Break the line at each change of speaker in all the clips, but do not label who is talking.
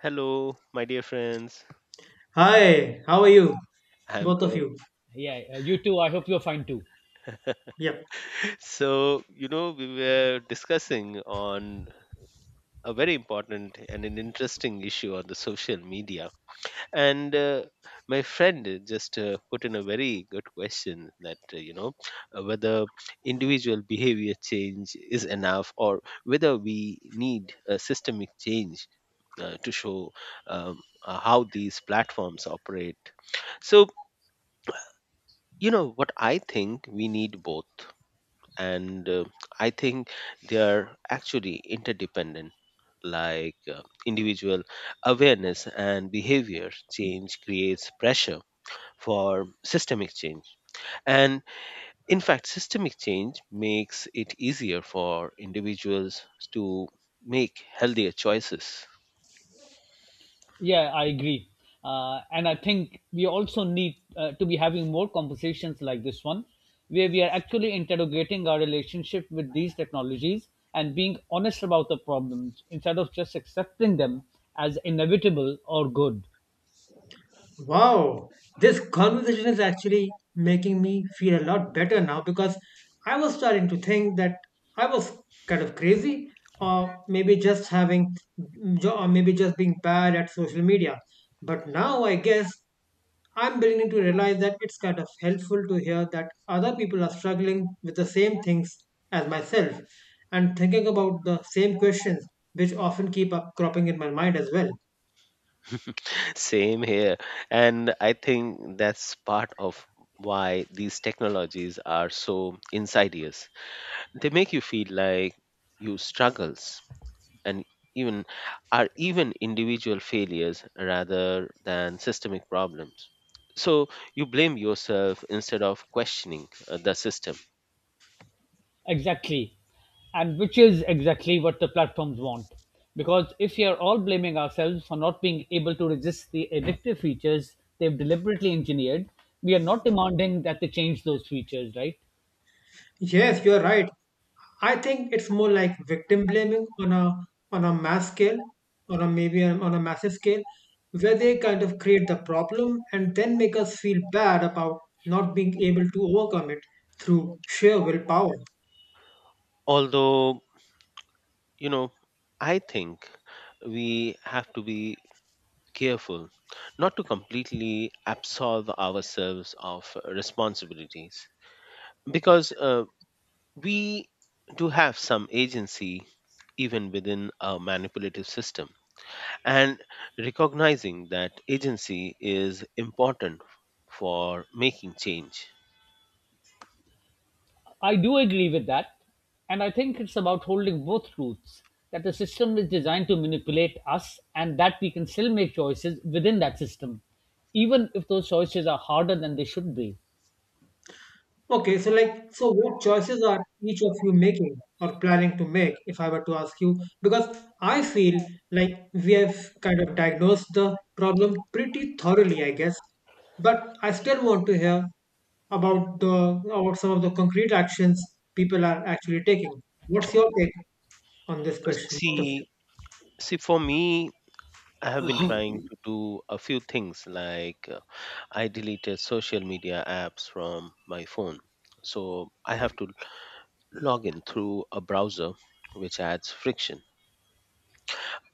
Hello, my dear friends.
Hi, how are you?
I'm
Both of
good.
you.
Yeah, you too. I hope you're fine too.
Yep.
So we were discussing on a very important and an interesting issue on the social media. And my friend just put in a very good question that, whether individual behavior change is enough or whether we need a systemic change to show um, how these platforms operate. So, what I think we need both and I think they are actually interdependent like individual awareness and behavior change creates pressure for systemic change and in fact systemic change makes it easier for individuals to make healthier choices.
Yeah, I agree. And I think we also need to be having more conversations like this one, where we are actually interrogating our relationship with these technologies and being honest about the problems instead of just accepting them as inevitable or good.
Wow. This conversation is actually making me feel a lot better now because I was starting to think that I was kind of crazy or maybe just or maybe just being bad at social media. But now I guess I'm beginning to realize that it's kind of helpful to hear that other people are struggling with the same things as myself and thinking about the same questions which often keep up cropping in my mind as well.
Same here, and I think that's part of why these technologies are so insidious. They make you feel like you struggles and even are even individual failures rather than systemic problems. So you blame yourself instead of questioning the system.
Exactly. And which is exactly what the platforms want. Because if we are all blaming ourselves for not being able to resist the addictive features they've deliberately engineered, we are not demanding that they change those features, right?
Yes, you're right. I think it's more like victim blaming on a mass scale, on a maybe on a massive scale, where they kind of create the problem and then make us feel bad about not being able to overcome it through sheer willpower.
Although, you know, I think we have to be careful not to completely absolve ourselves of responsibilities, because we do have some agency even within a manipulative system, and recognizing that agency is important for making change.
I do agree with that. And I think it's about holding both truths that the system is designed to manipulate us and that we can still make choices within that system, even if those choices are harder than they should be.
Okay, so like, so what choices are each of you making or planning to make, if I were to ask you? Because I feel like we have kind of diagnosed the problem pretty thoroughly, I guess. But I still want to hear about the about some of the concrete actions people are actually taking. What's your take on this question, both of you?
See, see, for me, I have been trying to do a few things like I deleted social media apps from my phone. So I have to log in through a browser, which adds friction.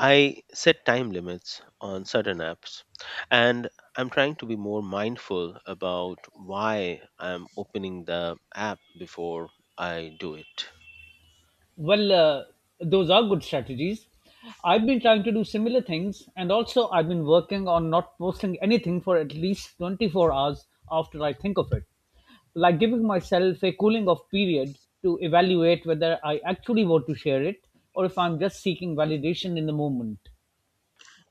I set time limits on certain apps, and I'm trying to be more mindful about why I'm opening the app before I do it.
Well, those are good strategies. I've been trying to do similar things, and also I've been working on not posting anything for at least 24 hours after I think of it. Like giving myself a cooling off period to evaluate whether I actually want to share it or if I'm just seeking validation in the moment.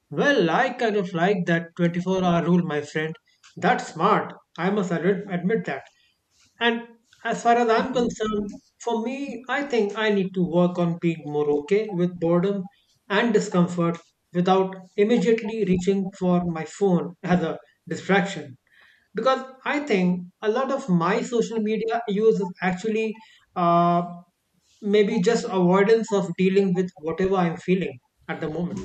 Well, I kind of like that 24-hour rule, my friend. That's smart. I must admit that. And as far as I'm concerned, for me, I think I need to work on being more okay with boredom and discomfort without immediately reaching for my phone as a distraction. Because I think a lot of my social media use is actually uh, maybe just avoidance of dealing with whatever I'm feeling at the moment.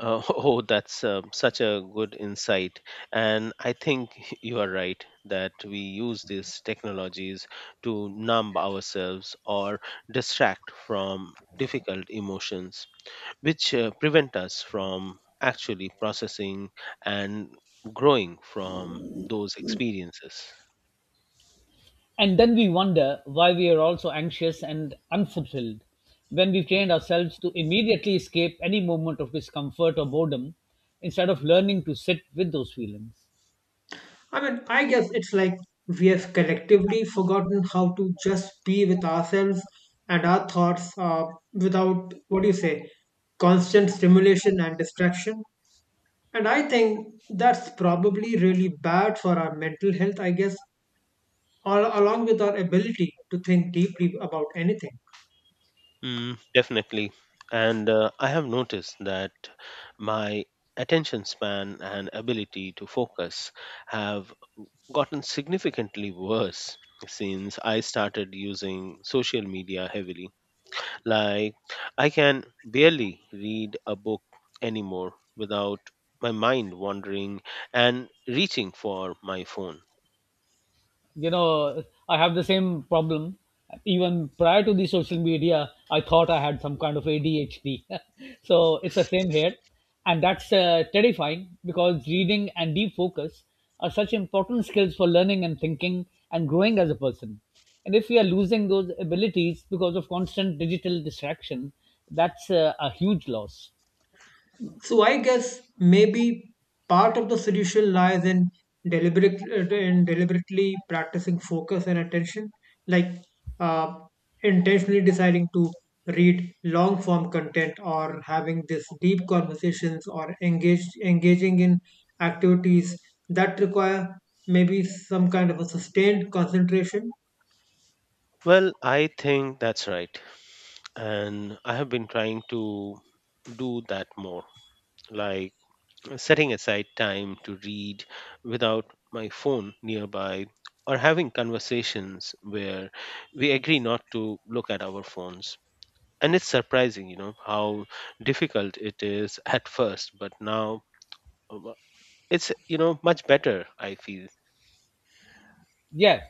Oh, that's such a good insight. And I think you are right that we use these technologies to numb ourselves or distract from difficult emotions, which prevent us from actually processing and growing from those experiences.
And then we wonder why we are also anxious and unfulfilled when we've trained ourselves to immediately escape any moment of discomfort or boredom instead of learning to sit with those feelings.
I mean, I guess it's like we have collectively forgotten how to just be with ourselves and our thoughts without, what do you say, constant stimulation and distraction. And I think that's probably really bad for our mental health, I guess, along with our ability to think deeply about anything.
Mm, definitely. And I have noticed that my attention span and ability to focus have gotten significantly worse since I started using social media heavily. Like, I can barely read a book anymore without my mind wandering and reaching for my phone.
You know, I have the same problem. Even prior to the social media I thought I had some kind of adhd so it's the same here. And that's terrifying, because reading and deep focus are such important skills for learning and thinking and growing as a person. And if we are losing those abilities because of constant digital distraction, that's a huge loss.
So I guess maybe part of the solution lies in deliberate deliberately practicing focus and attention, like uh, intentionally deciding to read long form content or having this deep conversations or engage engaging in activities that require maybe some kind of a sustained concentration.
Well, I think that's right. And I have been trying to do that more, like setting aside time to read without my phone nearby or having conversations where we agree not to look at our phones. And it's surprising, you know, how difficult it is at first, but now uh, it's, you know, much better I feel.
Yeah.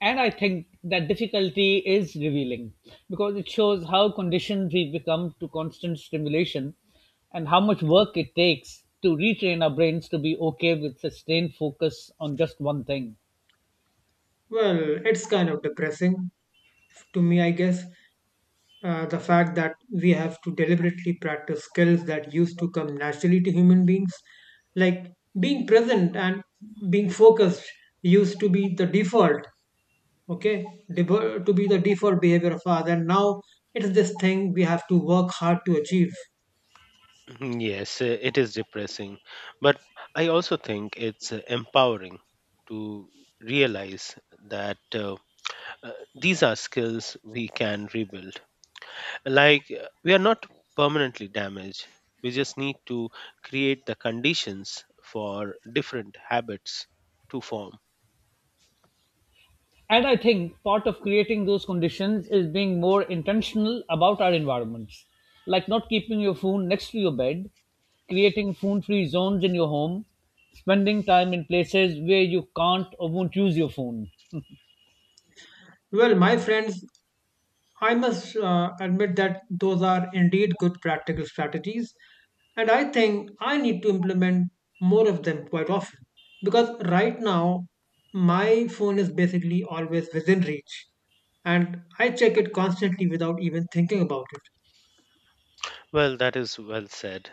And I think that difficulty is revealing because it shows how conditioned we become to constant stimulation and how much work it takes to retrain our brains to be okay with sustained focus on just one thing.
Well, it's kind of depressing to me, I guess. The fact that we have to deliberately practice skills that used to come naturally to human beings, like being present and being focused used to be the default, to be the default behavior of ours, and now it's this thing we have to work hard to achieve.
Mhm, yes, it is depressing, but I also think it's empowering to realize that uh, uh, these are skills we can rebuild. Like, we are not permanently damaged. We just need to create the conditions for different habits to form.
And I think part of creating those conditions is being more intentional about our environments, like not keeping your phone next to your bed, creating phone free zones in your home, spending time in places where you can't or won't use your phone.
Well, my friends, I must admit that those are indeed good practical strategies, and I think I need to implement more of them quite often because right now my phone is basically always within reach and I check it constantly without even thinking about it.
Well, that is well said.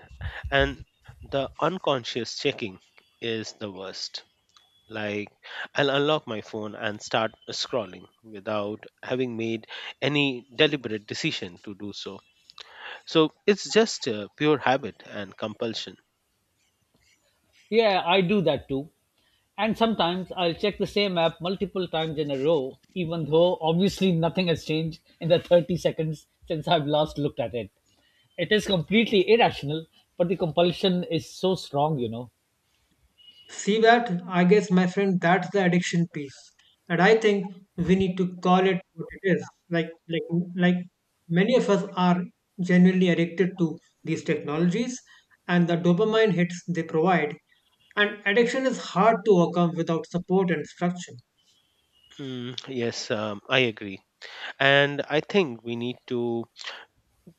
And the unconscious checking is the worst. Like, I'll unlock my phone and start scrolling without having made any deliberate decision to do so. So, it's just a pure habit and compulsion.
Yeah, I do that too. And sometimes I'll check the same app multiple times in a row, even though obviously nothing has changed in the 30 seconds since I've last looked at it. It is completely irrational, but the compulsion is so strong, you know.
See that? I guess, my friend, that's the addiction piece. And I think we need to call it what it is. Like many of us are genuinely addicted to these technologies and the dopamine hits they provide. And addiction is hard to overcome without support and structure.
Mm, yes, I agree. And I think we need to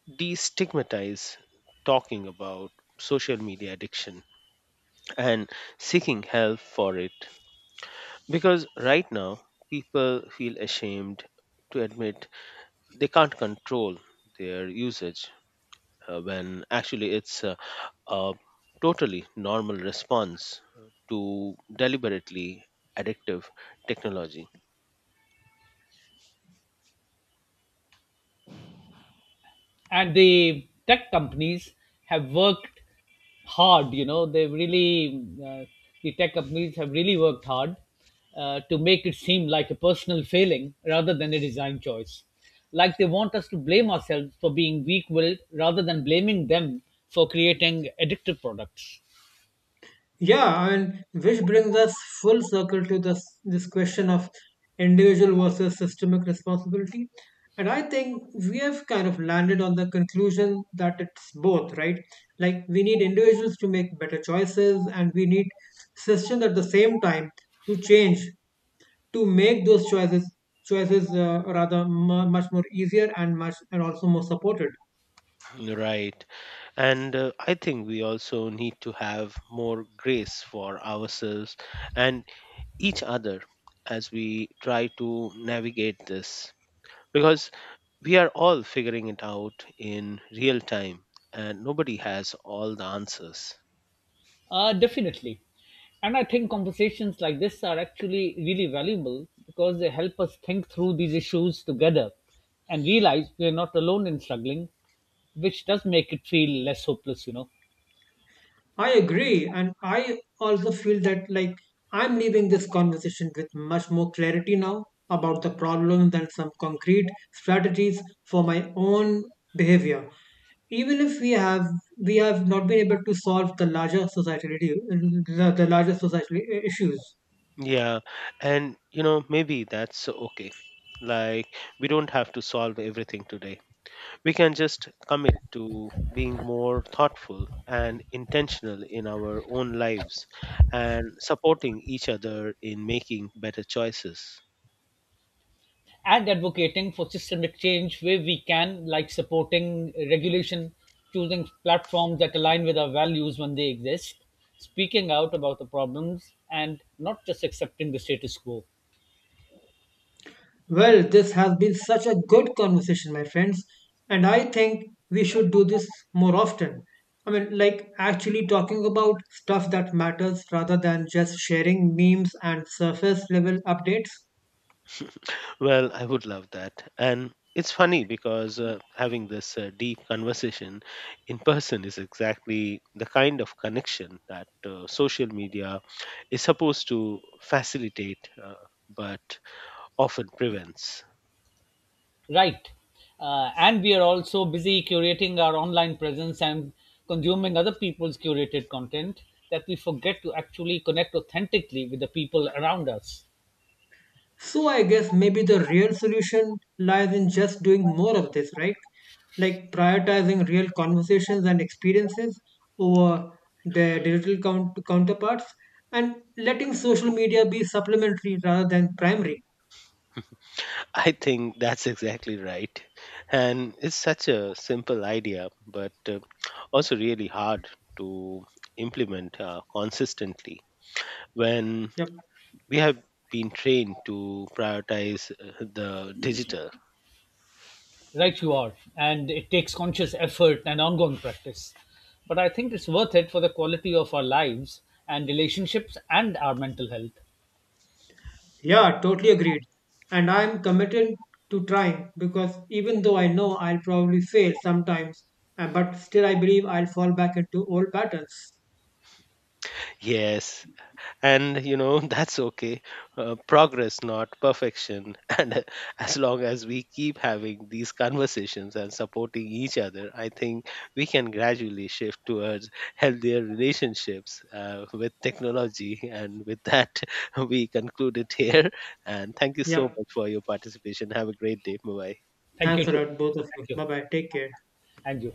destigmatize talking about social media addiction and seeking help for it. Because right now, people feel ashamed to admit they can't control their usage, when actually it's a totally normal response to deliberately addictive technology.
And the tech companies have worked hard the tech companies have really worked hard to make it seem like a personal failing rather than a design choice, like they want us to blame ourselves for being weak-willed rather than blaming them for creating addictive products.
Yeah, I mean, which brings us full circle to this question of individual versus systemic responsibility. And I think we have kind of landed on the conclusion that it's both, right? Like we need individuals to make better choices and we need systems at the same time to change to make those choices rather mu much more easier and much and also more supported.
Right. And I think we also need to have more grace for ourselves and each other as we try to navigate this, because we are all figuring it out in real time, and nobody has all the answers.
Definitely. And I think conversations like this are actually really valuable because they help us think through these issues together and realize we're not alone in struggling, which does make it feel less hopeless, you know.
I agree. And I also feel that, like, I'm leaving this conversation with much more clarity now about the problems and some concrete strategies for my own behavior. Even if we have not been able to solve the larger societal issues.
Yeah, and you know, maybe that's okay. Like, we don't have to solve everything today. We can just commit to being more thoughtful and intentional in our own lives and supporting each other in making better choices.
And advocating for systemic change where we can, like supporting regulation, choosing platforms that align with our values when they exist, speaking out about the problems, and not just accepting the status quo.
Well, this has been such a good conversation, my friends, and I think we should do this more often. I mean, like actually talking about stuff that matters rather than just sharing memes and surface level updates.
Well, I would love that. And it's funny because having this deep conversation in person is exactly the kind of connection that social media is supposed to facilitate, but often prevents.
Right. And we are also busy curating our online presence and consuming other people's curated content that we forget to actually connect authentically with the people around us.
So, I guess maybe the real solution lies in just doing more of this, right? Like prioritizing real conversations and experiences over their counterparts and letting social media be supplementary rather than primary.
I think that's exactly right. And it's such a simple idea, but also really hard to implement consistently when
Yep.
we have been trained to prioritize the digital.
Right, you are. And it takes conscious effort and ongoing practice. But I think it's worth it for the quality of our lives and relationships and our mental health.
Yeah, totally agreed. And I'm committed to trying because even though I know I'll probably fail sometimes, but still I believe I'll fall back into old patterns.
Yes, and you know, that's okay. Progress, not perfection. And as long as we keep having these conversations and supporting each other, I think we can gradually shift towards healthier relationships with technology. And with that, we conclude it here, and thank you so
Yep.
much for your participation. Have a great day. Bye bye.
Thank you,
Thanks a
too.
lot, both of you.
Thank you.
Bye bye. Take care.
And you.